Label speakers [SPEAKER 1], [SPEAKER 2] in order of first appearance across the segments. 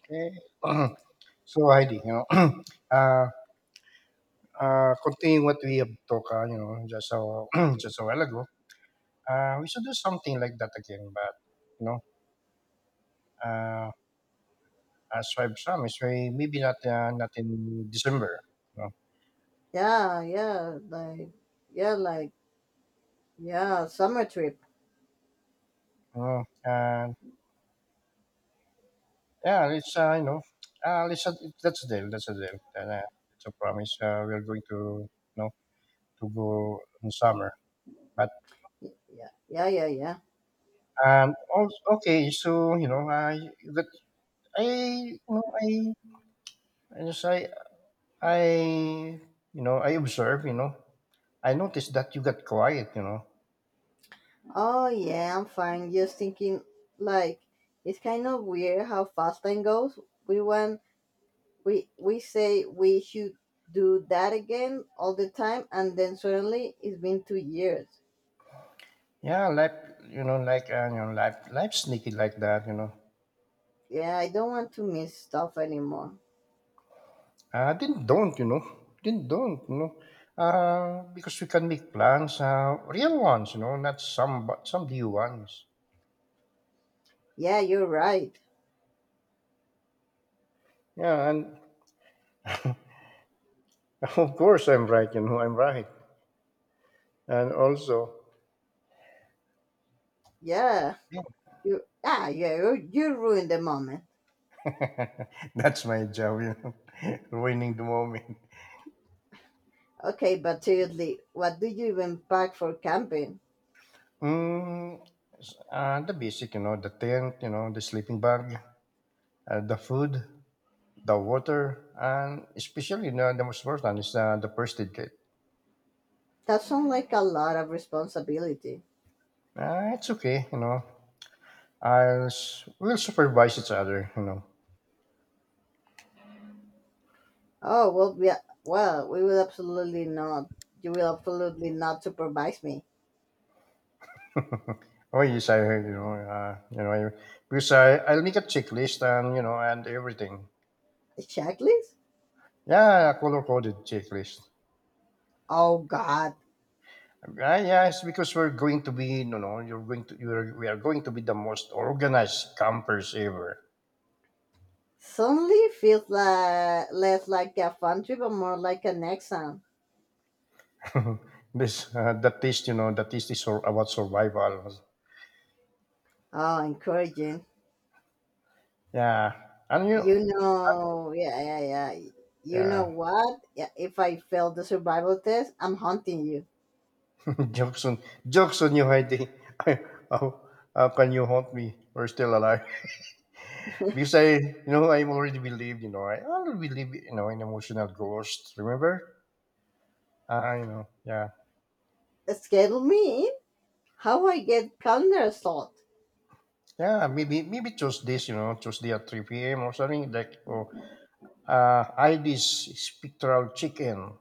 [SPEAKER 1] Okay. So Heidi, uh, continuing what we have talked, just so just a while ago, we should do something like that again. But you know, uh, as I've promised, maybe not not in December. You know,
[SPEAKER 2] Yeah, yeah, like, yeah, like, yeah, summer trip.
[SPEAKER 1] And yeah, it's uh, it's a, that's a deal. That's a deal. And, it's a promise. We're going to you know to go in summer. But
[SPEAKER 2] Yeah, yeah, yeah, yeah.
[SPEAKER 1] okay, so you know, I that I you know I And so I, you know, I observe, you know, I noticed that you got quiet.
[SPEAKER 2] Oh, yeah, I'm fine. Just thinking, like, it's kind of weird how fast time goes. We want we say we should do that again all the time, and then suddenly it's been 2 years.
[SPEAKER 1] Yeah, life, life sneaky like that.
[SPEAKER 2] Yeah, I don't want to miss stuff anymore.
[SPEAKER 1] Didn't don't, you know, didn't don't, you know. Because we can make plans, real ones, not some, but some new ones.
[SPEAKER 2] Yeah, you're right.
[SPEAKER 1] Yeah, and of course I'm right, I'm right. And also,
[SPEAKER 2] Yeah, you, ah, yeah, you ruined the moment.
[SPEAKER 1] that's my job, ruining the moment.
[SPEAKER 2] Okay, but seriously, what do you even pack for camping?
[SPEAKER 1] Mm, the basic, the tent, the sleeping bag, the food, the water, and especially, the most important is the first aid kit.
[SPEAKER 2] That sounds like a lot of responsibility.
[SPEAKER 1] It's okay, We'll supervise each other.
[SPEAKER 2] Oh, well, we will absolutely not. You will absolutely not supervise me.
[SPEAKER 1] Oh yes, I heard, you know, I- because I'll make a checklist and everything.
[SPEAKER 2] A checklist?
[SPEAKER 1] Yeah, color coded checklist.
[SPEAKER 2] Oh, God.
[SPEAKER 1] Uh, yeah, it's because we're going to be, you know, you're going to you're we are going to be the most organized campers ever.
[SPEAKER 2] Suddenly feels like, less like a fun trip and more like an exam.
[SPEAKER 1] Mhm. this that taste, you know, That taste is about survival.
[SPEAKER 2] Oh, encouraging.
[SPEAKER 1] Yeah, and
[SPEAKER 2] You know, yeah, yeah, yeah. You know
[SPEAKER 1] yeah,
[SPEAKER 2] what? Yeah, if I fail the survival test, I'm hunting you.
[SPEAKER 1] jokes on jokes on you, Heidi. how, how can you haunt me? We're still alive. because I already believe, in emotional ghosts. Remember? Yeah,
[SPEAKER 2] Schedule me in? How I get calendar slot?
[SPEAKER 1] yeah. Maybe Tuesdays, Tuesday at three p.m. or something like. Oh, Heidi's spectral chicken.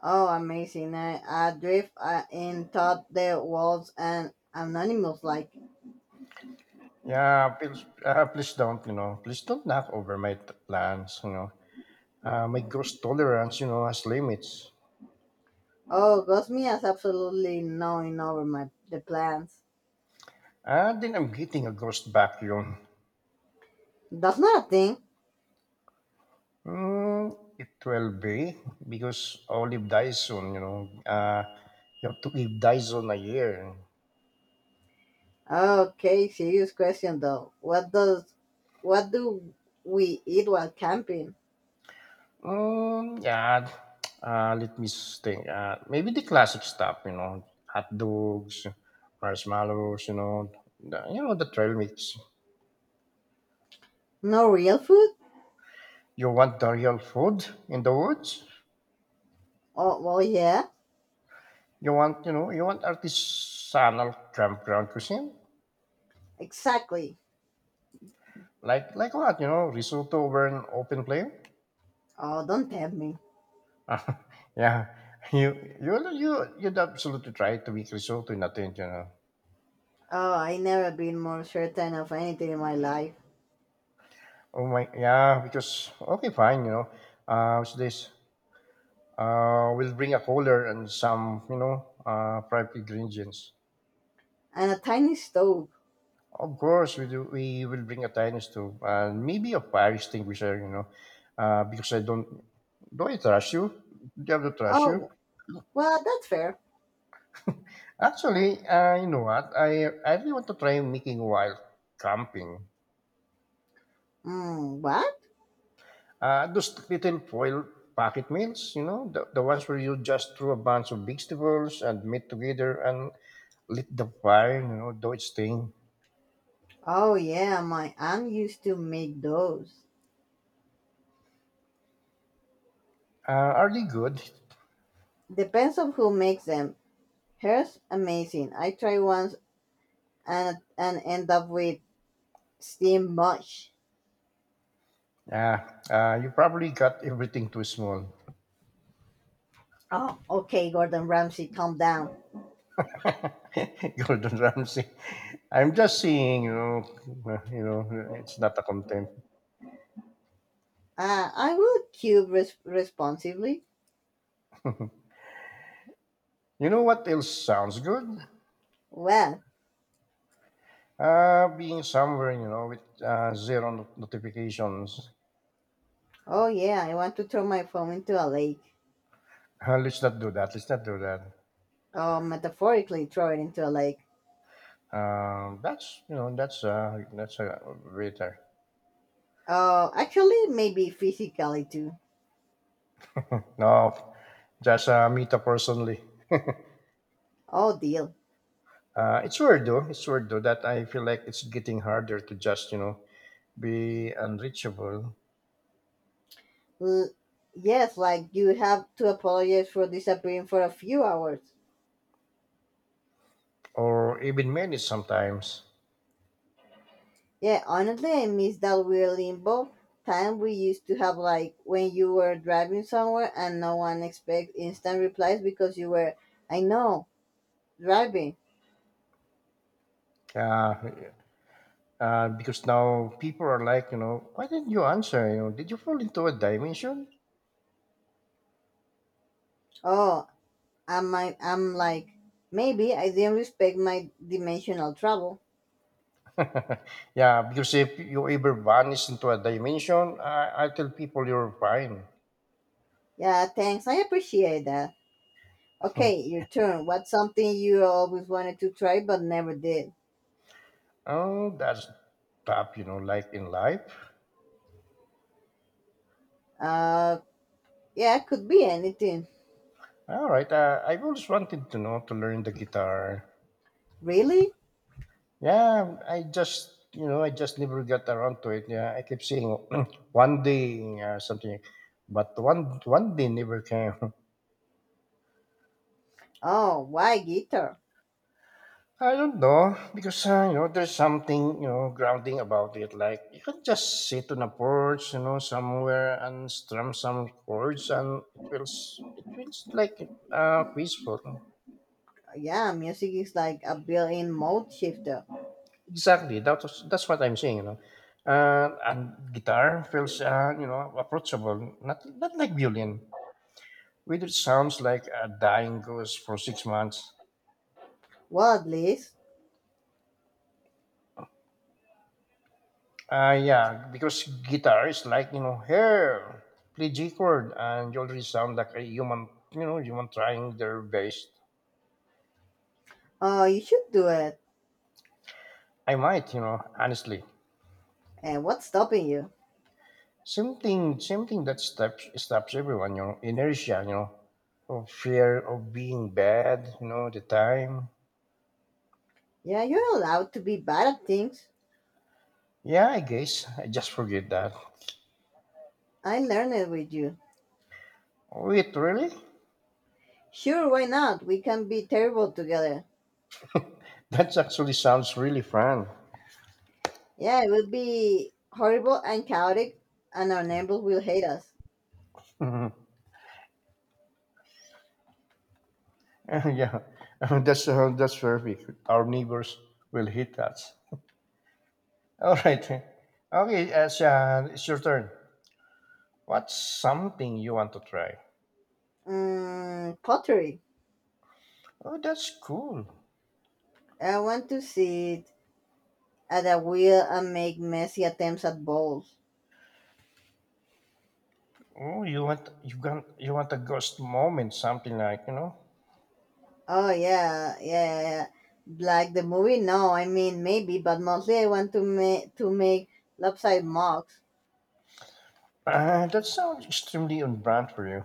[SPEAKER 2] Oh, amazing. I drift in thought there was an anonymous like,
[SPEAKER 1] Yeah, please don't, please don't knock over my plans. My gross tolerance, has limits.
[SPEAKER 2] oh, Gosmi has absolutely knowing over my the plans.
[SPEAKER 1] And then I'm getting a gross vacuum.
[SPEAKER 2] That's not a thing.
[SPEAKER 1] Mm, it will be because Olive dies soon, you know. You have to live dies on a year.
[SPEAKER 2] Okay, serious question though. What do we eat while camping?
[SPEAKER 1] Mm, yeah, Let me think. Maybe the classic stuff, hot dogs, marshmallows, the trail mix.
[SPEAKER 2] No real food?
[SPEAKER 1] You want the real food in the woods?
[SPEAKER 2] Oh, well, yeah,
[SPEAKER 1] You want, you want artisanal campground cuisine?
[SPEAKER 2] exactly.
[SPEAKER 1] Like what, risotto over an open flame?
[SPEAKER 2] Oh, don't tempt me.
[SPEAKER 1] yeah. You you you You'd absolutely try to make risotto in a tent,
[SPEAKER 2] Oh, I never been more certain of anything in my life.
[SPEAKER 1] Oh my yeah, because okay fine, What's this? We'll bring a cooler and some, private ingredients.
[SPEAKER 2] And a tiny stove.
[SPEAKER 1] Of course we do We will bring a tiny stove and maybe a fire extinguisher, because I don't do I trust you? Do you have to trust you?
[SPEAKER 2] Oh, well, that's fair.
[SPEAKER 1] Actually, you know what? I really want to try making wild camping.
[SPEAKER 2] Mm, what?
[SPEAKER 1] Those little foil packet meals, the ones where you just throw a bunch of vegetables and meat together and lit the fire, do its thing.
[SPEAKER 2] Oh, yeah, my aunt used to make those.
[SPEAKER 1] Are they good?
[SPEAKER 2] Depends on who makes them. Hers amazing. I tried once and end up with steamed mush.
[SPEAKER 1] Uh, you probably got everything too small.
[SPEAKER 2] Oh, okay, Gordon Ramsay, calm down.
[SPEAKER 1] Gordon Ramsay. I'm just saying, it's not a content.
[SPEAKER 2] I will cube responsibly.
[SPEAKER 1] You know what else sounds good?
[SPEAKER 2] Well,
[SPEAKER 1] Being somewhere, you know, with zero notifications.
[SPEAKER 2] oh, yeah, I want to throw my phone into a lake.
[SPEAKER 1] Let's not do that. Let's not do that.
[SPEAKER 2] Oh, metaphorically throw it into a lake.
[SPEAKER 1] That's a waiter.
[SPEAKER 2] Oh, actually, maybe physically too.
[SPEAKER 1] No, just meet up personally.
[SPEAKER 2] Oh, dear.
[SPEAKER 1] It's weird though. It's weird though that I feel like it's getting harder to just be unreachable
[SPEAKER 2] L- yes, like you have to apologize for disappearing for a few hours.
[SPEAKER 1] or even manage sometimes.
[SPEAKER 2] Yeah, honestly, I miss that weird limbo time we used to have, like when you were driving somewhere and no one expects instant replies because you were, I know, driving.
[SPEAKER 1] Uh, because now people are like, why didn't you answer? Did you fall into a dimension?
[SPEAKER 2] Oh, I'm like, maybe I didn't respect my dimensional travel.
[SPEAKER 1] yeah, because if you ever vanish into a dimension, I tell people you're fine.
[SPEAKER 2] Yeah, thanks. I appreciate that. Okay, your turn. What's something you always wanted to try but never did?
[SPEAKER 1] oh, that's tough, like in life.
[SPEAKER 2] Uh, yeah, could be anything.
[SPEAKER 1] All right, I've always wanted to know to learn the guitar.
[SPEAKER 2] Really?
[SPEAKER 1] Yeah, I just never got around to it. Yeah, I kept saying one day something, but one day never came.
[SPEAKER 2] Oh, why guitar?
[SPEAKER 1] I don't know because there's something grounding about it. Like you can just sit on a porch, somewhere and strum some chords, and it feels like peaceful.
[SPEAKER 2] Yeah, music is like a built-in mode shifter.
[SPEAKER 1] Exactly, that's what I'm saying. And guitar feels approachable, not like violin, which sounds like a dying ghost for 6 months.
[SPEAKER 2] Well, at least.
[SPEAKER 1] Yeah, because guitar is like here play G chord, and you already sound like a human. You know, human trying their best.
[SPEAKER 2] Oh, you should do it.
[SPEAKER 1] I might, honestly.
[SPEAKER 2] And what's stopping you?
[SPEAKER 1] Same thing that stops everyone. You know, inertia. You know, of fear of being bad. You know, the time.
[SPEAKER 2] Yeah, you're allowed to be bad at things.
[SPEAKER 1] Yeah, I guess I just forget that.
[SPEAKER 2] I learned it with you.
[SPEAKER 1] Wait, really?
[SPEAKER 2] Sure, why not? We can be terrible together.
[SPEAKER 1] That actually sounds really fun.
[SPEAKER 2] Yeah, it will be horrible and chaotic, and our neighbors will hate us.
[SPEAKER 1] yeah, that's perfect. Our neighbors will hit us. All right. Okay, Sean, it's your turn. What's something you want to try?
[SPEAKER 2] Mm, pottery.
[SPEAKER 1] Oh, that's cool.
[SPEAKER 2] I want to sit at a wheel and make messy attempts at bowls.
[SPEAKER 1] Oh, you want a ghost moment, something like.
[SPEAKER 2] Oh, yeah, yeah, yeah. Like the movie? No, I mean maybe, but mostly I want to make lopsided mugs.
[SPEAKER 1] That sounds extremely on brand for you.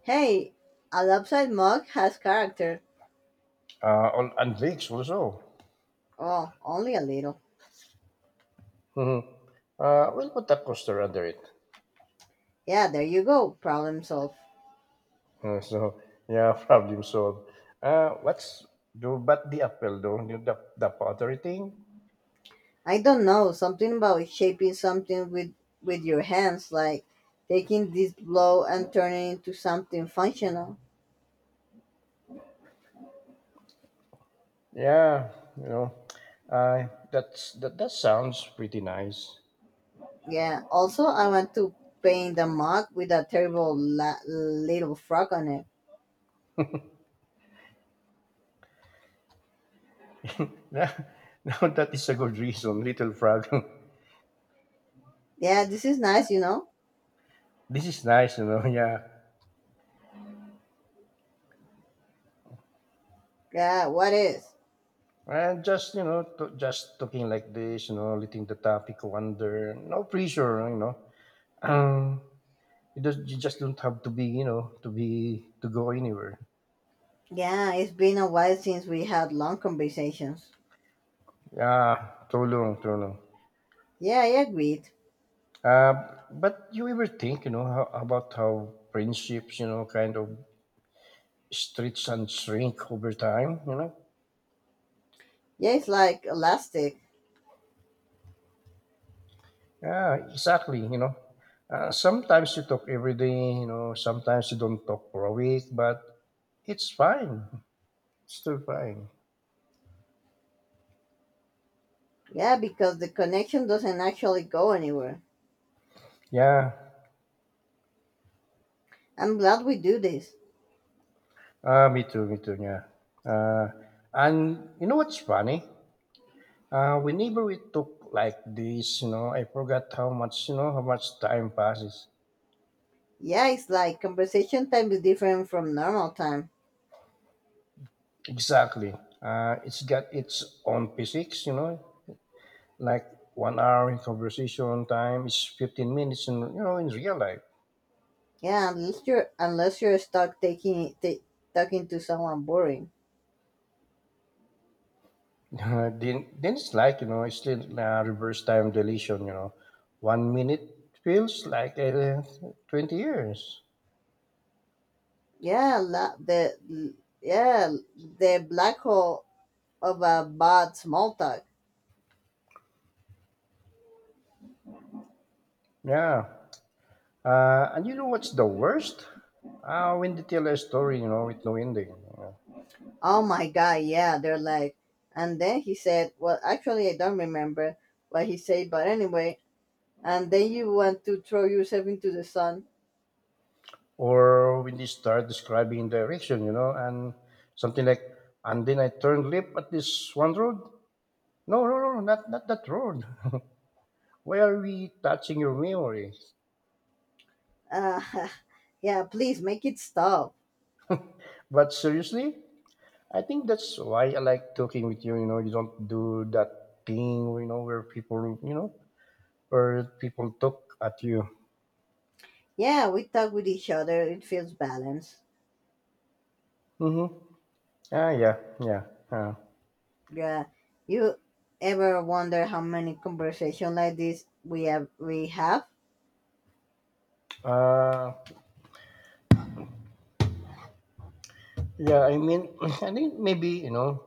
[SPEAKER 2] Hey, a lopsided mug has character.
[SPEAKER 1] On and Vicks also.
[SPEAKER 2] Oh, only a little.
[SPEAKER 1] Mhm. We'll put a coaster under it.
[SPEAKER 2] Yeah, there you go. Problem solved.
[SPEAKER 1] So yeah, problem solved. What's do but the apple though? The pottery thing.
[SPEAKER 2] I don't know, something about shaping something with your hands, like taking this blow and turning it into something functional.
[SPEAKER 1] Yeah, you know, that's that. That sounds pretty nice.
[SPEAKER 2] Yeah. Also, I want to paint the mug with a terrible little frog on it.
[SPEAKER 1] now, now that is a good reason, little frog.
[SPEAKER 2] Yeah, this is nice.
[SPEAKER 1] this is nice, Yeah,
[SPEAKER 2] Yeah, what is?
[SPEAKER 1] and just just talking like this, letting the topic wander. No pressure, you know. Um, you just don't have to be, to be to go anywhere.
[SPEAKER 2] Yeah, it's been a while since we had long conversations.
[SPEAKER 1] Yeah, too long, too long.
[SPEAKER 2] Yeah, I agreed.
[SPEAKER 1] But you ever think, about how friendships, kind of stretch and shrink over time?
[SPEAKER 2] Yeah, it's like elastic.
[SPEAKER 1] Yeah, exactly, Sometimes you talk every day, sometimes you don't talk for a week, but it's fine. It's still fine.
[SPEAKER 2] Yeah, because the connection doesn't actually go anywhere.
[SPEAKER 1] Yeah.
[SPEAKER 2] I'm glad we do this.
[SPEAKER 1] Ah, me too, yeah. Uh, and you know what's funny? Whenever we talk like this, I forgot how much, how much time passes.
[SPEAKER 2] Yeah, it's like conversation time is different from normal time.
[SPEAKER 1] Exactly. It's got its own physics, Like 1 hour in conversation time is 15 minutes in in real life.
[SPEAKER 2] Yeah, unless you're stuck taking ta talking to someone boring.
[SPEAKER 1] Then it's like it's like, reverse time dilation. 1 minute feels like 20 years.
[SPEAKER 2] Yeah, la, the yeah the black hole of a bad small talk.
[SPEAKER 1] Yeah, and you know what's the worst, when they tell a story with no ending.
[SPEAKER 2] Oh, my god, yeah, they're like. And then he said, well, actually, I don't remember what he said, but anyway, and then you want to throw yourself into the sun.
[SPEAKER 1] Or when they start describing direction and something like and then I turned left at this one road. No No, not, not that road. Why are we touching your memory?
[SPEAKER 2] Uh, yeah, please make it stop.
[SPEAKER 1] But seriously, I think that's why I like talking with you. You know, you don't do that thing. You know, where people, where people talk at you.
[SPEAKER 2] Yeah, we talk with each other, it feels balanced.
[SPEAKER 1] Mm-hmm. Ah, yeah, yeah. Uh,
[SPEAKER 2] Yeah, you ever wonder how many conversations like this we have? We have,
[SPEAKER 1] uh, yeah. I mean, I think maybe.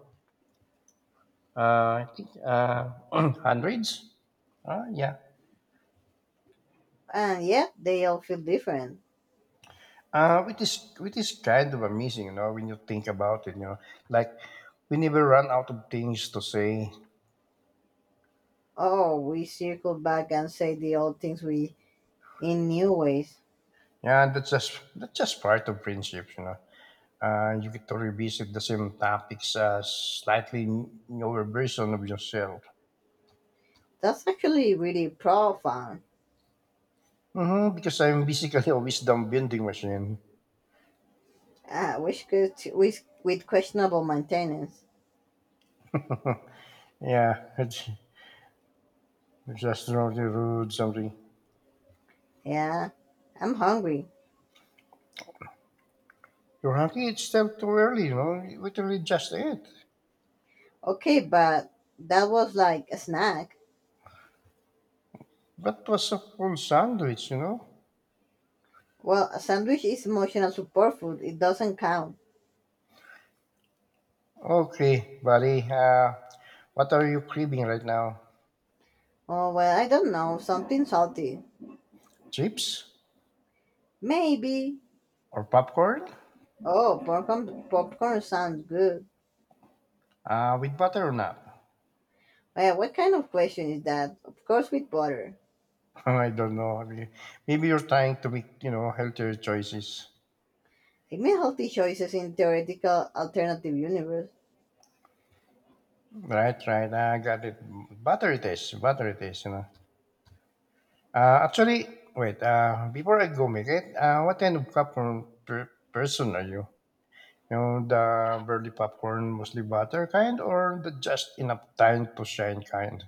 [SPEAKER 1] I think hundreds. Ah, yeah.
[SPEAKER 2] and yeah, they all feel different.
[SPEAKER 1] Which is which is kind of amazing, when you think about it. Like we never run out of things to say.
[SPEAKER 2] Oh, we circle back and say the old things we in new ways.
[SPEAKER 1] Yeah, that's just part of friendships, you know. You get to revisit the same topics as slightly newer version of yourself.
[SPEAKER 2] That's actually really profound.
[SPEAKER 1] Mm-hmm, because I'm basically a wisdom bending machine.
[SPEAKER 2] Ah, which good with questionable maintenance.
[SPEAKER 1] Yeah, it's just wrong the road something.
[SPEAKER 2] Yeah, I'm hungry.
[SPEAKER 1] You're hungry, it's still too early, you know. You literally just ate.
[SPEAKER 2] Okay, but that was like a snack.
[SPEAKER 1] That was a full sandwich,
[SPEAKER 2] Well, a sandwich is emotional support food. It doesn't count.
[SPEAKER 1] Okay, buddy. What are you craving right now?
[SPEAKER 2] Oh, well, I don't know. Something salty,
[SPEAKER 1] Chips
[SPEAKER 2] maybe.
[SPEAKER 1] or popcorn?
[SPEAKER 2] Oh, popcorn. Popcorn sounds good.
[SPEAKER 1] With butter or not?
[SPEAKER 2] Well, what kind of question is that? Of course, with butter.
[SPEAKER 1] I don't know. I mean, maybe you're trying to make, healthier choices.
[SPEAKER 2] I made healthy choices in theoretical alternative universe.
[SPEAKER 1] Right, right. I got it. Butter it is. Butter it is. Actually, wait, before I go make it, what kind of popcorn person are you? The burly popcorn, mostly butter kind, or the just enough time to shine kind?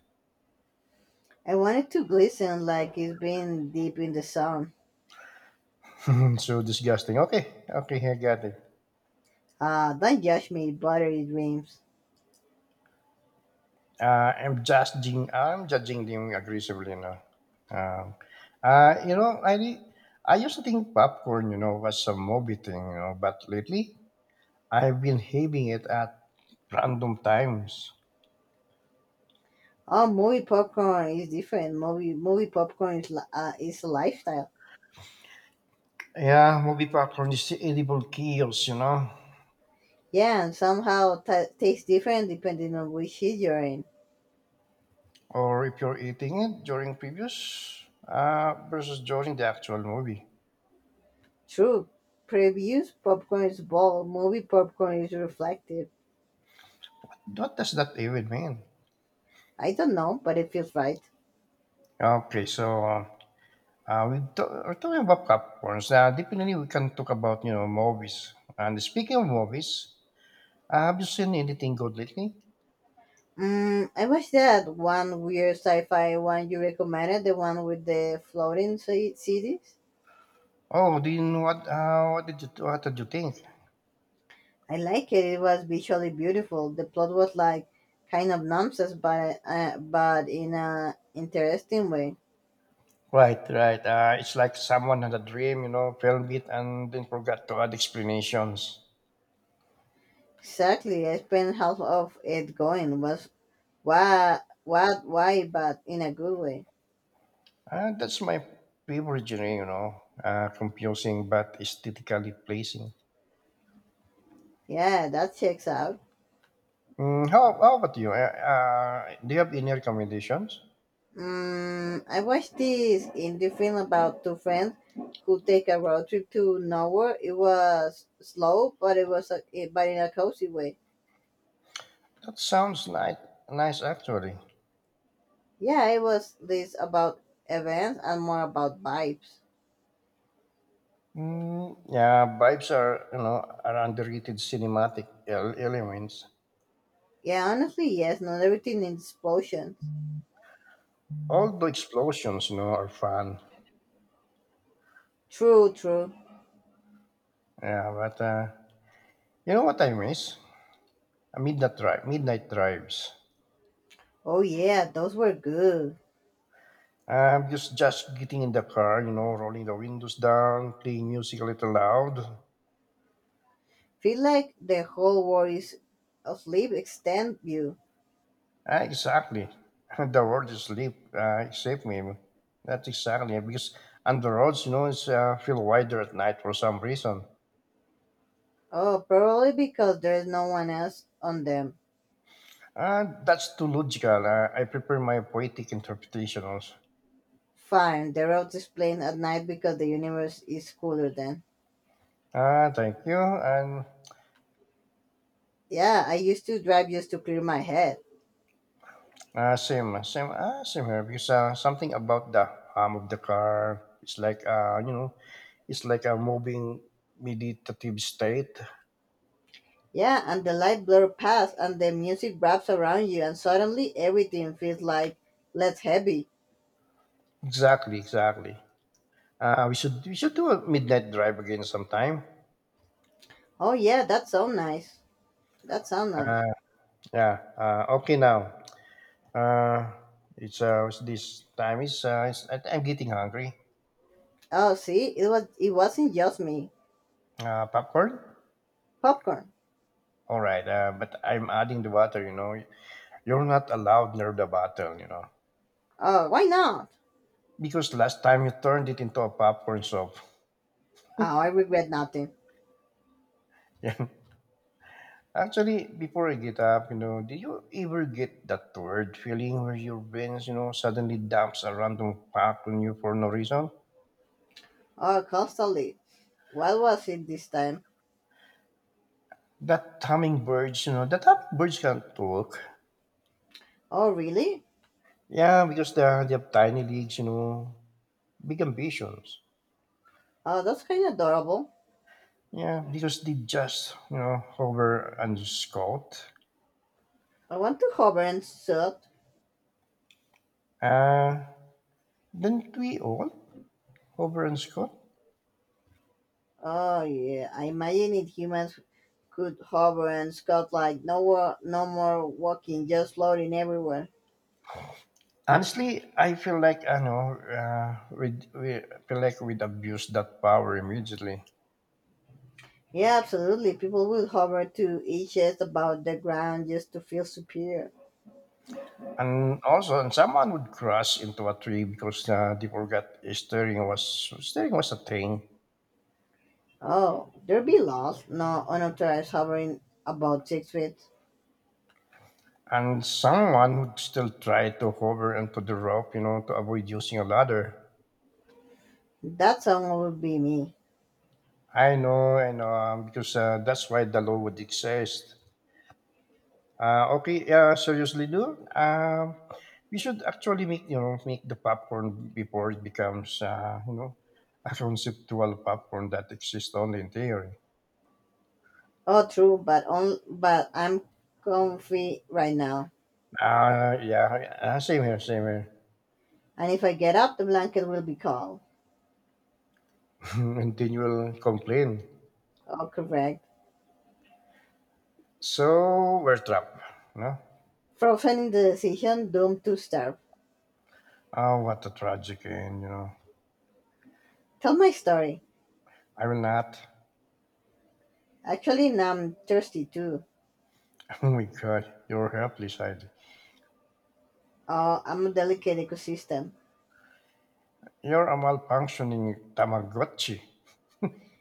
[SPEAKER 2] I wanted to glisten like it's been deep in the sun.
[SPEAKER 1] so disgusting. Okay, okay, I got it.
[SPEAKER 2] Don't judge me, buttery dreams.
[SPEAKER 1] I'm judging. I'm judging them aggressively now. Um, uh, you know, I re- I used to think popcorn, was a movie thing, but lately I've been having it at random times.
[SPEAKER 2] Oh, movie popcorn is different. Movie popcorn is a lifestyle.
[SPEAKER 1] Yeah, movie popcorn is the edible chaos,
[SPEAKER 2] Yeah, and somehow ta tastes different depending on which seat you're in.
[SPEAKER 1] Or if you're eating it during previews versus during the actual movie.
[SPEAKER 2] True. Previews popcorn is bold. Movie popcorn is reflective.
[SPEAKER 1] What does that even mean?
[SPEAKER 2] I don't know, but it feels right.
[SPEAKER 1] Okay, so uh, we're talking about popcorns, definitely we can talk about, movies. And speaking of movies, have you seen anything good lately?
[SPEAKER 2] Mm, I watched that one weird sci-fi one you recommended, the one with the floating cities.
[SPEAKER 1] Oh, do you know what did you think?
[SPEAKER 2] I like it. It was visually beautiful. The plot was like kind of nonsense, but in a interesting way.
[SPEAKER 1] Right, right. It's like someone had a dream, filmed it and then forgot to add explanations.
[SPEAKER 2] Exactly. I spent half of it going was what why, but in a good way.
[SPEAKER 1] That's my favorite genre, confusing but aesthetically pleasing.
[SPEAKER 2] Yeah, that checks out.
[SPEAKER 1] How about you? Do you have any recommendations?
[SPEAKER 2] Mm, I watched this indie film about two friends who take a road trip to nowhere. It was slow, but it was a, it, but in a cozy way.
[SPEAKER 1] That sounds like nice, actually.
[SPEAKER 2] Yeah, it was less about events and more about vibes.
[SPEAKER 1] Yeah, vibes are you know are underrated cinematic elements.
[SPEAKER 2] Yeah, honestly, yes. Not everything needs explosions.
[SPEAKER 1] All the explosions, are fun.
[SPEAKER 2] True, true.
[SPEAKER 1] Yeah, but you know what I miss? Midnight drives.
[SPEAKER 2] Oh, yeah, those were good.
[SPEAKER 1] Just getting in the car, rolling the windows down, playing music a little loud.
[SPEAKER 2] Feel like the whole world is asleep extend you.
[SPEAKER 1] Ah, exactly. The world is asleep, except me. That's exactly because on the roads, you know, it's feel wider at night for some reason.
[SPEAKER 2] Oh, probably because there is no one else on them.
[SPEAKER 1] That's too logical. I prefer my poetic interpretation also.
[SPEAKER 2] Fine, the roads is plain at night because the universe is cooler then.
[SPEAKER 1] Thank you. And
[SPEAKER 2] Yeah, I used to drive just to clear my head.
[SPEAKER 1] same here. Because something about the hum of the car, it's like, it's like a moving meditative state.
[SPEAKER 2] Yeah, and the light blur past and the music wraps around you and suddenly everything feels like less heavy.
[SPEAKER 1] Exactly, exactly. We should do a midnight drive again sometime.
[SPEAKER 2] Oh, yeah, that sounds nice. That sounds nice.
[SPEAKER 1] Uh, yeah. Okay now. Uh, it's what's this time is it's, I- I'm getting hungry.
[SPEAKER 2] Oh, see, it wasn't just me.
[SPEAKER 1] Popcorn.
[SPEAKER 2] Popcorn.
[SPEAKER 1] All right, but I'm adding the water, you know. You're not allowed near the bottle.
[SPEAKER 2] Oh, why not?
[SPEAKER 1] Because last time you turned it into a popcorn soup.
[SPEAKER 2] Oh, I regret nothing.
[SPEAKER 1] Yeah. Actually, before I get up, did you ever get that weird feeling where your veins, suddenly dumps a random fact on you for no reason?
[SPEAKER 2] Oh, constantly. What was it this time?
[SPEAKER 1] That hummingbirds can't talk.
[SPEAKER 2] Oh, really?
[SPEAKER 1] Yeah, because they have tiny legs, big ambitions.
[SPEAKER 2] Oh, that's kind of adorable.
[SPEAKER 1] Yeah, because they just, hover and scout.
[SPEAKER 2] I want to hover and shoot.
[SPEAKER 1] Uh, Didn't we all over in school?
[SPEAKER 2] Oh, yeah, I imagine if humans could hover and scout like no more walking, just floating everywhere.
[SPEAKER 1] Honestly, I feel like I know we'd, we I feel like we'd abuse that power immediately.
[SPEAKER 2] Yeah, absolutely. People would hover to each other about the ground just to feel superior.
[SPEAKER 1] And someone would crash into a tree because they forgot steering was a thing.
[SPEAKER 2] Oh, there be laws. No unauthorized hovering about 6 feet.
[SPEAKER 1] And someone would still try to hover into the rope, to avoid using a ladder.
[SPEAKER 2] That song would be me.
[SPEAKER 1] I know, because that's why the law would exist. Okay, seriously, dude. We should actually make you know make the popcorn before it becomes a conceptual popcorn that exists only in theory.
[SPEAKER 2] Oh, true, but I'm comfy right now,
[SPEAKER 1] Yeah, same here, same here.
[SPEAKER 2] and if I get up, the blanket will be cold.
[SPEAKER 1] And then you'll complain.
[SPEAKER 2] Oh, correct.
[SPEAKER 1] So we're trapped, no?
[SPEAKER 2] Frozen in the decision, doomed to starve.
[SPEAKER 1] Oh, what a tragic end.
[SPEAKER 2] Tell my story.
[SPEAKER 1] I will not.
[SPEAKER 2] Actually, now I'm thirsty too.
[SPEAKER 1] Oh my God, you're helpless, Heidi.
[SPEAKER 2] Oh, I'm a delicate ecosystem.
[SPEAKER 1] You're a malfunctioning Tamagotchi.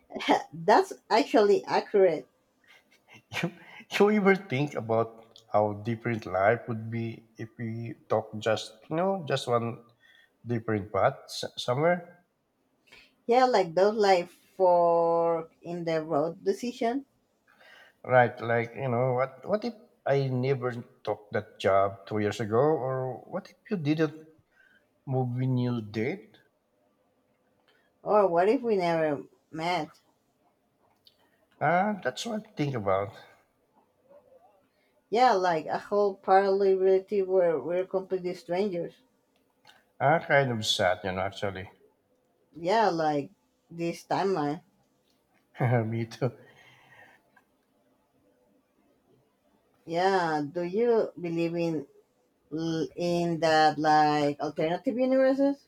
[SPEAKER 2] That's actually accurate.
[SPEAKER 1] You, you ever think about how different life would be if we talk just just one different path somewhere,
[SPEAKER 2] Yeah, like those like fork in the road decision.
[SPEAKER 1] right? Like you know what if I never took that job 2 years ago, or what if you didn't move when you did?
[SPEAKER 2] Or what if we never met?
[SPEAKER 1] That's what I think about.
[SPEAKER 2] Yeah, like a whole parallel reality where we're completely strangers.
[SPEAKER 1] Kind of sad, actually.
[SPEAKER 2] Yeah, like this timeline.
[SPEAKER 1] Me too.
[SPEAKER 2] Yeah, do you believe in that like alternative universes?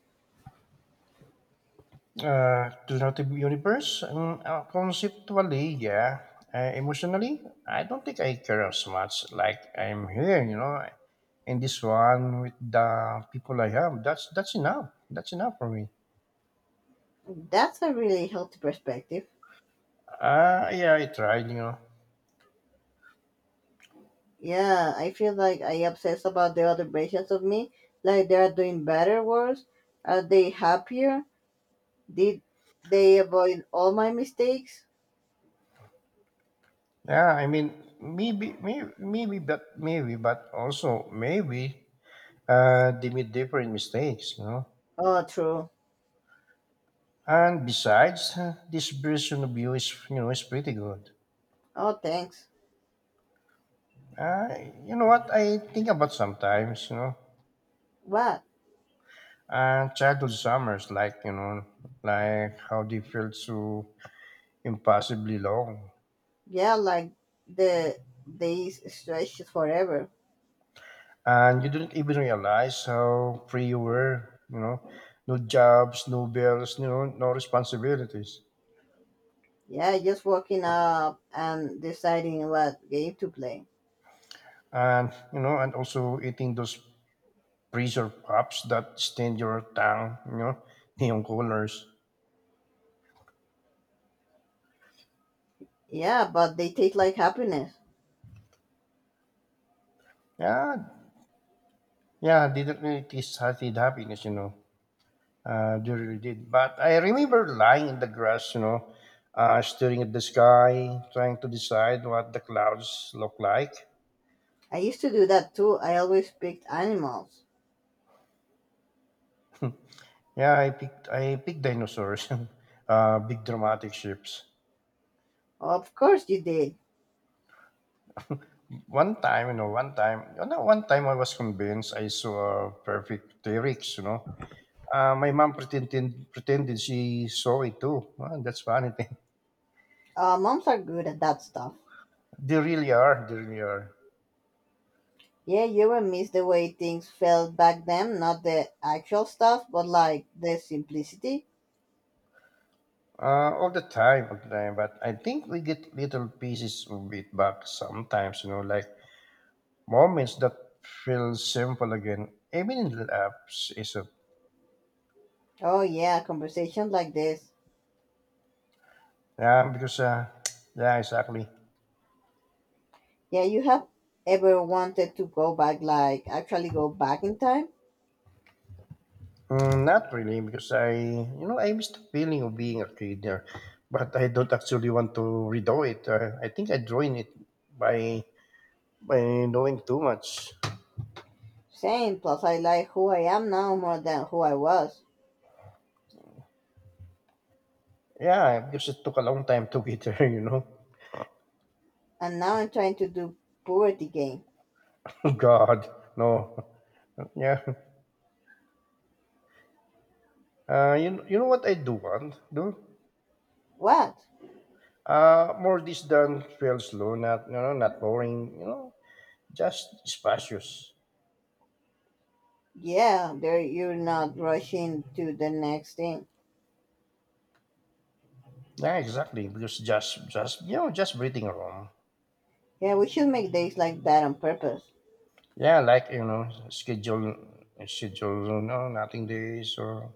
[SPEAKER 1] Alternative universe? Conceptually, yeah. Emotionally, I don't think I care as much. Like I'm here, in this one with the people I have. That's enough. That's enough for me.
[SPEAKER 2] That's a really healthy perspective.
[SPEAKER 1] Yeah, I tried.
[SPEAKER 2] Yeah, I feel like I obsess about the other versions of me, like they are doing better, worse. Are they happier? Did they avoid all my mistakes?
[SPEAKER 1] Yeah, I mean, but also maybe, they made different mistakes.
[SPEAKER 2] Oh, true.
[SPEAKER 1] And besides, this version of you is pretty good.
[SPEAKER 2] Oh, thanks.
[SPEAKER 1] You know what I think about sometimes,
[SPEAKER 2] What?
[SPEAKER 1] childhood summers, like how they felt so impossibly long,
[SPEAKER 2] Yeah, like the days stretches forever.
[SPEAKER 1] and you didn't even realize how free you were. No jobs, no bills, no responsibilities,
[SPEAKER 2] Yeah, just waking up and deciding what game to play.
[SPEAKER 1] and also eating those freezer pops that stain your tongue. Neon colors.
[SPEAKER 2] Yeah, but they taste like happiness.
[SPEAKER 1] Yeah, yeah, they didn't really taste healthy happiness. They really did. But I remember lying in the grass, staring at the sky, trying to decide what the clouds look like.
[SPEAKER 2] I used to do that too. I always picked animals.
[SPEAKER 1] Yeah, I picked dinosaurs, big dramatic ships.
[SPEAKER 2] Of course you did.
[SPEAKER 1] One time, you know, one time, you know, one time I was convinced I saw a perfect T-Rex. My mom pretended she saw it too. Well, that's funny thing.
[SPEAKER 2] Moms are good at that stuff.
[SPEAKER 1] They really are. They really are.
[SPEAKER 2] Yeah, you will miss the way things felt back then, not the actual stuff, but like the simplicity.
[SPEAKER 1] All the time, all the time. But I think we get little pieces of it back sometimes, like moments that feel simple again, even in the apps, is it?
[SPEAKER 2] Oh, yeah, conversations like this.
[SPEAKER 1] Yeah, because, yeah, exactly.
[SPEAKER 2] Yeah, you have ever wanted to go back, like actually go back in time?
[SPEAKER 1] Not really, because I miss the feeling of being a kid there, but I don't actually want to redo it. I think I joined it by by knowing too much.
[SPEAKER 2] Same, plus I like who I am now more than who I was.
[SPEAKER 1] Yeah, because it took a long time to get there.
[SPEAKER 2] And now I'm trying to do puberty game.
[SPEAKER 1] God, no. Yeah. You know what I do want, do?
[SPEAKER 2] What?
[SPEAKER 1] More this than feel slow, not not boring, just spacious.
[SPEAKER 2] Yeah, there you're not rushing to the next thing.
[SPEAKER 1] Yeah, exactly. Because just breathing room.
[SPEAKER 2] Yeah, we should make days like that on purpose.
[SPEAKER 1] Yeah, like schedule, no, nothing days or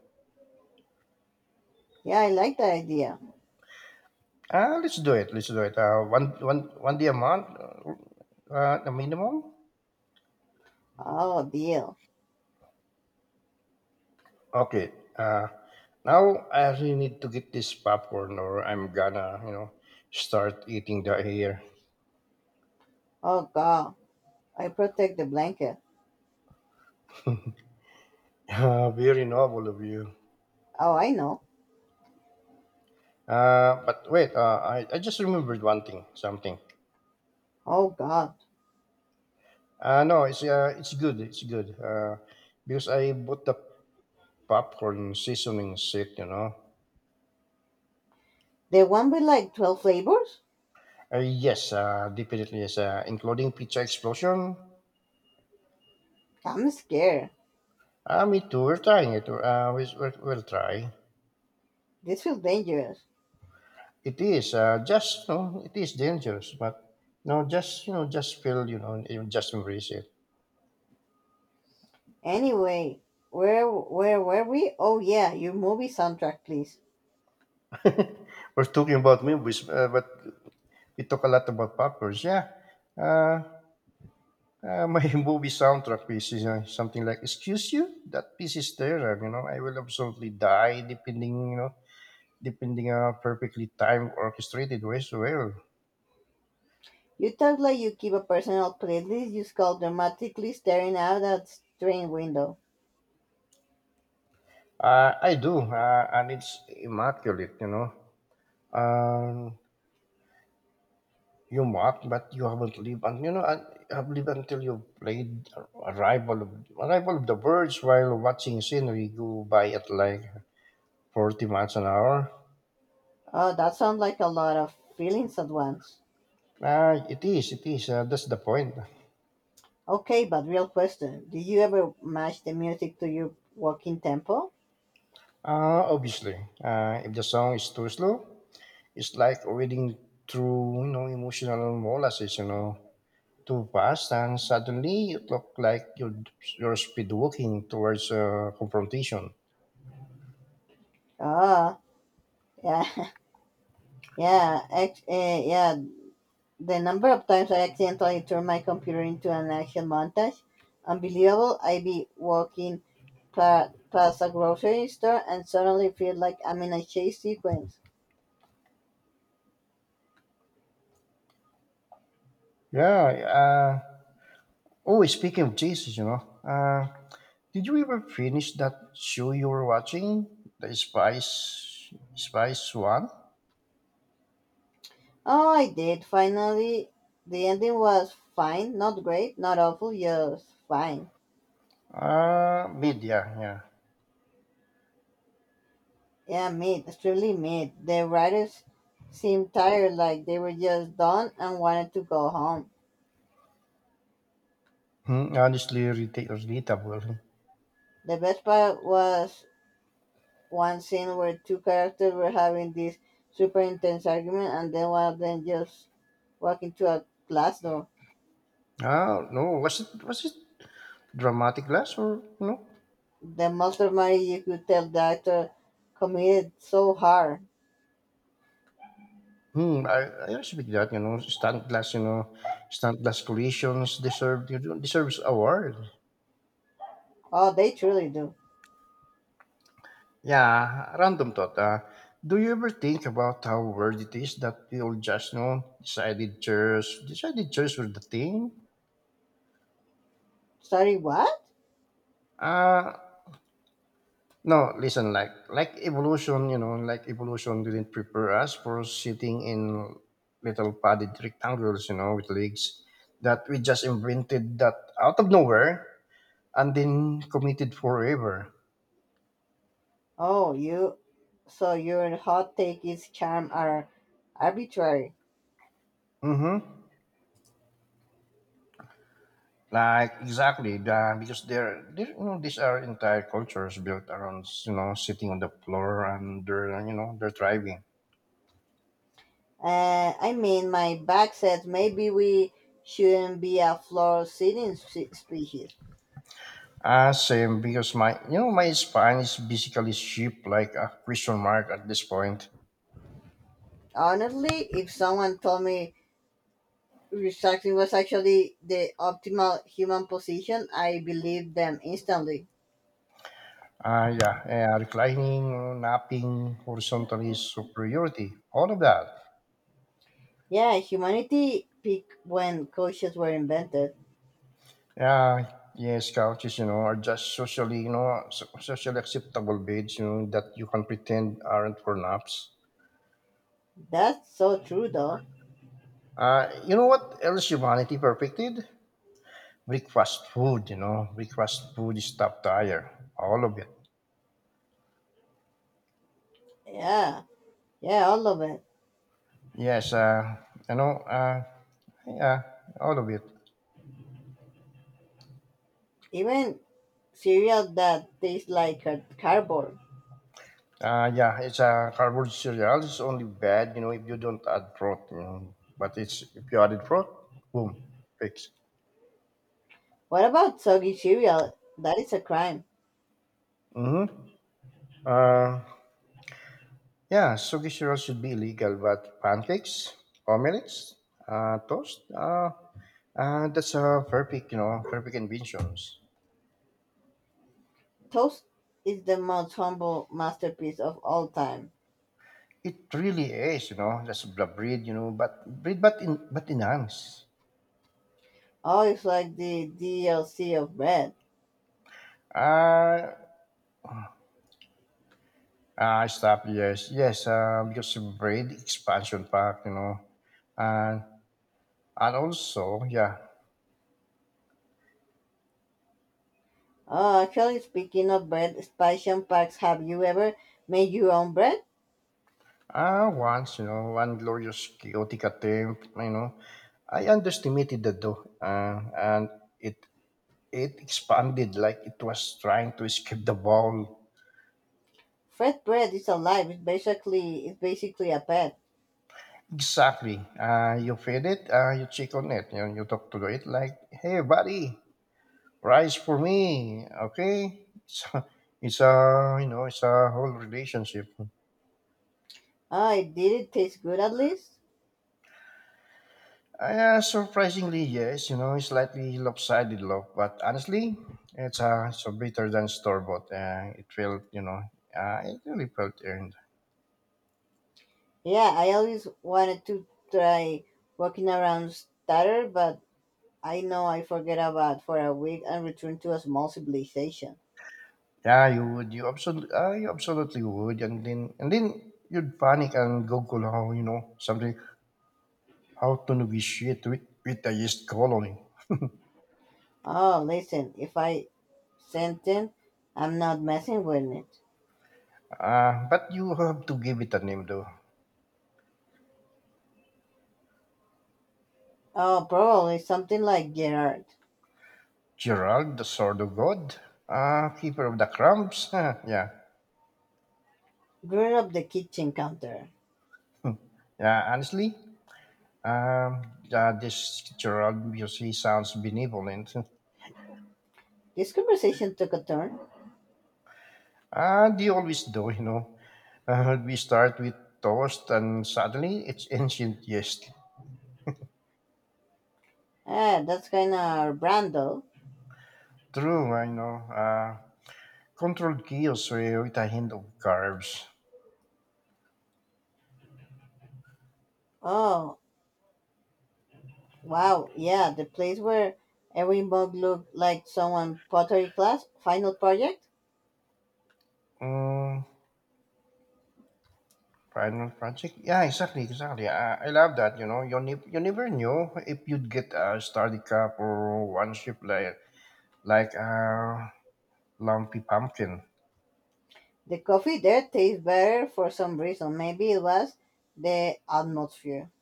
[SPEAKER 2] Yeah, I like that idea.
[SPEAKER 1] let's do it. Let's do it. One day a month, the minimum.
[SPEAKER 2] Oh, deal.
[SPEAKER 1] Okay. Now I really need to get this popcorn, or I'm gonna start eating the air.
[SPEAKER 2] Oh, god. I protect the blanket.
[SPEAKER 1] Very noble of you.
[SPEAKER 2] Oh, I know.
[SPEAKER 1] But wait, I just remembered something.
[SPEAKER 2] Oh, god.
[SPEAKER 1] No, it's good, it's good. Because I bought the popcorn seasoning set.
[SPEAKER 2] The one with like 12 flavors?
[SPEAKER 1] Yes, definitely yes, including pizza explosion.
[SPEAKER 2] I'm scared.
[SPEAKER 1] Me too. We're trying it. We'll try.
[SPEAKER 2] This feels dangerous.
[SPEAKER 1] It is dangerous, but no, just just feel you just embrace it.
[SPEAKER 2] Anyway, where were we? Oh, yeah, your movie soundtrack please.
[SPEAKER 1] We're talking about movies, but It talk a lot about poppers. Yeah. Uh, my movie soundtrack piece is something like, "Excuse you, that piece is terrible." I will absolutely die depending on how perfectly timed, orchestrated ways. To Well,
[SPEAKER 2] You talk like you keep a personal playlist, you scowl dramatically, staring out that train window.
[SPEAKER 1] I do, and it's immaculate. um, you mock, but you haven't lived, and you have lived until you played Arrival of the Birds while watching scenery go by at like 40 miles an hour.
[SPEAKER 2] Oh, that sounds like a lot of feelings at once.
[SPEAKER 1] It is, it is. That's the point.
[SPEAKER 2] Okay, but real question. Do you ever match the music to your walking tempo?
[SPEAKER 1] Obviously, if the song is too slow, it's like reading through, emotional molasses, too fast, and suddenly you look like you're speed walking towards confrontation.
[SPEAKER 2] Oh, yeah, yeah, yeah. The number of times I accidentally turned my computer into an action montage, unbelievable. I be walking past a grocery store and suddenly feel like I'm in a chase sequence.
[SPEAKER 1] Yeah. Uh, oh, speaking of Jesus, did you ever finish that show you were watching, the Spice One?
[SPEAKER 2] Oh, I did finally. The ending was fine, not great, not awful, just fine.
[SPEAKER 1] Mid, yeah, yeah.
[SPEAKER 2] Yeah, mid, extremely mid. The writers seemed tired, like they were just done and wanted to go home.
[SPEAKER 1] Hmm, honestly, relatable.
[SPEAKER 2] The best part was one scene where two characters were having this super intense argument, and then one of them just walked into a glass door.
[SPEAKER 1] Ah, no, was it dramatic glass or you know?
[SPEAKER 2] The most of money you could tell the actor committed so hard.
[SPEAKER 1] Hmm, I respect that. You know, stunt glass. You know, stunt glass collisions deserves award.
[SPEAKER 2] Oh, they truly do.
[SPEAKER 1] Yeah, random thought. Do you ever think about how weird it is that we all just decided chairs were the thing?
[SPEAKER 2] Sorry, what?
[SPEAKER 1] Uh No, listen, like evolution didn't prepare us for sitting in little padded rectangles, with legs that we just invented that out of nowhere and then committed forever.
[SPEAKER 2] Oh, you. So your hot take is charm are arbitrary.
[SPEAKER 1] Mm-hmm. Like exactly the because they're, these are entire cultures built around sitting on the floor and they're you know they're thriving.
[SPEAKER 2] I mean, my back says maybe we shouldn't be a floor sitting species.
[SPEAKER 1] Ah, same because my you know my spine is basically shaped like a question mark at this point.
[SPEAKER 2] Honestly, if someone told me recycling was actually the optimal human position, I believed them instantly.
[SPEAKER 1] Ah, yeah, reclining, napping, horizontal is superiority, all of that.
[SPEAKER 2] Yeah, humanity peaked when coaches were invented.
[SPEAKER 1] Yeah, yes, couches, are just socially, socially acceptable beds, that you can pretend aren't for naps.
[SPEAKER 2] That's so true, though.
[SPEAKER 1] You know what else humanity perfected? Breakfast food, breakfast food is top tier, all of it.
[SPEAKER 2] Yeah, yeah, all of it.
[SPEAKER 1] Yes, you know, uh, yeah, all of it.
[SPEAKER 2] Even cereal that tastes like cardboard.
[SPEAKER 1] Yeah, it's a carbonated cereal. It's only bad, if you don't add fruit. But it's if you added fruit, boom, fix.
[SPEAKER 2] What about soggy cereal? That is a crime.
[SPEAKER 1] Mm-hmm. Uh, yeah, soggy cereal should be illegal, but pancakes, omelets, toast, that's a perfect, perfect inventions.
[SPEAKER 2] Toast is the most humble masterpiece of all time.
[SPEAKER 1] It really is, that's the breed, but enhance.
[SPEAKER 2] Oh, it's like the DLC of bread.
[SPEAKER 1] Uh, Stop, yes, yes, because of brain expansion pack, and and also, yeah,
[SPEAKER 2] Oh, actually, speaking of bread, Spice Packs, have you ever made your own bread?
[SPEAKER 1] once, one glorious chaotic attempt, I underestimated the door, and it it expanded like it was trying to escape the ball.
[SPEAKER 2] Fresh bread is alive. It's basically a pet.
[SPEAKER 1] Exactly. You feed it. You check on it. You talk to it like, "Hey, buddy, rise for me, okay?" So it's a whole relationship.
[SPEAKER 2] Oh, it did it taste good at least?
[SPEAKER 1] Surprisingly, yes. It's slightly lopsided look, but honestly, it's so better than store bought. It really felt earned.
[SPEAKER 2] Yeah, I always wanted to try walking around starter, but I know I forget about for a week and return to a small civilization.
[SPEAKER 1] Yeah, you would. You absolutely would. And then you'd panic and Google how you know something how to negotiate with the yeast colony.
[SPEAKER 2] Oh, listen, if I sent it, I'm not messing with it.
[SPEAKER 1] But you have to give it a name though.
[SPEAKER 2] Oh, probably something like Gerard.
[SPEAKER 1] Gerald, the sword of God, keeper of the crumbs. Yeah,
[SPEAKER 2] Drew up the kitchen counter.
[SPEAKER 1] yeah. Honestly, yeah, this Gerald because sounds benevolent.
[SPEAKER 2] This conversation took a turn.
[SPEAKER 1] They always do. We start with toast and suddenly it's ancient yeast.
[SPEAKER 2] Ah, that's kind of our brand, though.
[SPEAKER 1] True, I know. Controlled chaos with a hint of carbs.
[SPEAKER 2] Oh, wow, yeah, the place where every mug looked like someone pottery class, final project.
[SPEAKER 1] Mm, Final project? Yeah, exactly, exactly. I love that, you know. You never knew if you'd get a starter cup or one ship like a lumpy pumpkin.
[SPEAKER 2] The coffee there tastes better for some reason. Maybe it was the atmosphere.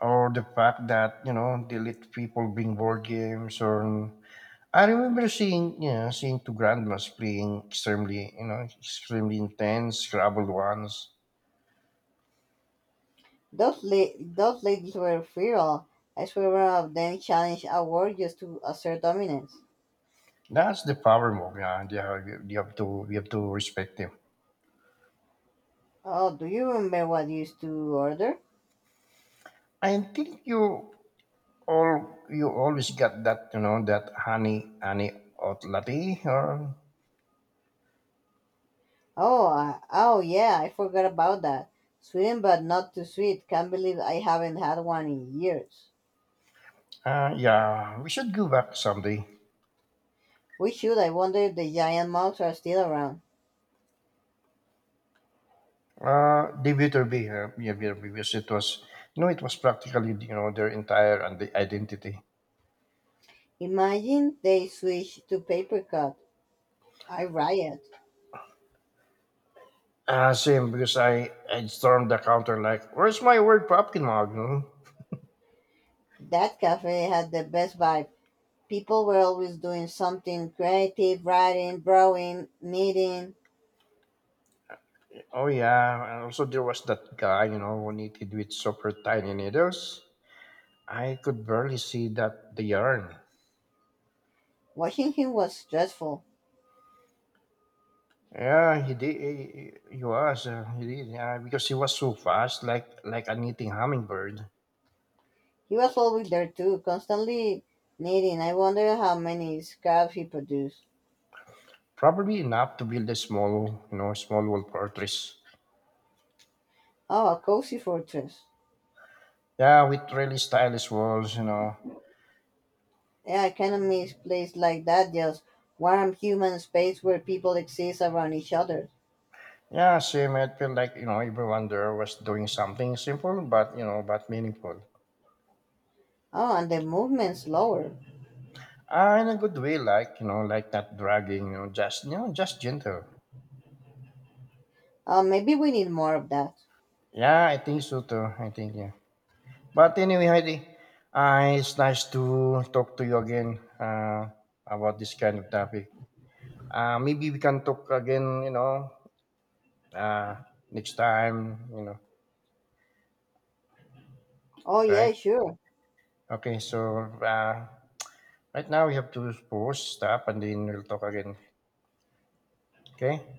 [SPEAKER 1] Or the fact that they let people bring board games or I remember seeing you know seeing two grandmas playing extremely you know extremely intense Scrabble ones.
[SPEAKER 2] Those ladies were feral, as several of them challenged our warriors to assert dominance.
[SPEAKER 1] That's the power move. Yeah, they have, you have to we have to respect them.
[SPEAKER 2] Oh, do you remember what you used to order?
[SPEAKER 1] I think you always got that you know that honey hot latte or
[SPEAKER 2] Oh, I forgot about that. Sweet but not too sweet. Can't believe I haven't had one in years.
[SPEAKER 1] yeah we should go back someday.
[SPEAKER 2] We should. I wonder if the giant mouse are still around.
[SPEAKER 1] The be Yeah, Viterbi, because it was practically, their entire and identity.
[SPEAKER 2] Imagine they switch to paper cut. I riot.
[SPEAKER 1] Same, because I stormed the counter like, where's my word popkin mug? You know?
[SPEAKER 2] That cafe had the best vibe. People were always doing something creative, writing, drawing, knitting.
[SPEAKER 1] Oh, yeah. And also, there was that guy, who knitted with super tiny needles. I could barely see that the yarn.
[SPEAKER 2] Watching him was stressful.
[SPEAKER 1] Yeah, he did. He was. He did. Yeah, because he was so fast, like a knitting hummingbird.
[SPEAKER 2] He was always there too, constantly knitting. I wonder how many scraps he produced.
[SPEAKER 1] Probably enough to build a small wall fortress.
[SPEAKER 2] Oh, a cozy fortress.
[SPEAKER 1] Yeah, with really stylish walls.
[SPEAKER 2] Yeah, I kind of miss place like that, just warm human space where people exist around each other.
[SPEAKER 1] Yeah, same. It felt like everyone there was doing something simple, but meaningful.
[SPEAKER 2] Oh, and the movement's slower.
[SPEAKER 1] Ah, in a good way, like like not dragging, just just gentle.
[SPEAKER 2] Maybe we need more of that.
[SPEAKER 1] Yeah, I think so too. I think yeah. But anyway, Heidi, it's nice to talk to you again about this kind of topic. Maybe we can talk again, uh, next time,
[SPEAKER 2] Oh, yeah,
[SPEAKER 1] right?
[SPEAKER 2] sure.
[SPEAKER 1] Okay, so uh, Right now, we have to pause, stop, and then we'll talk again. Okay?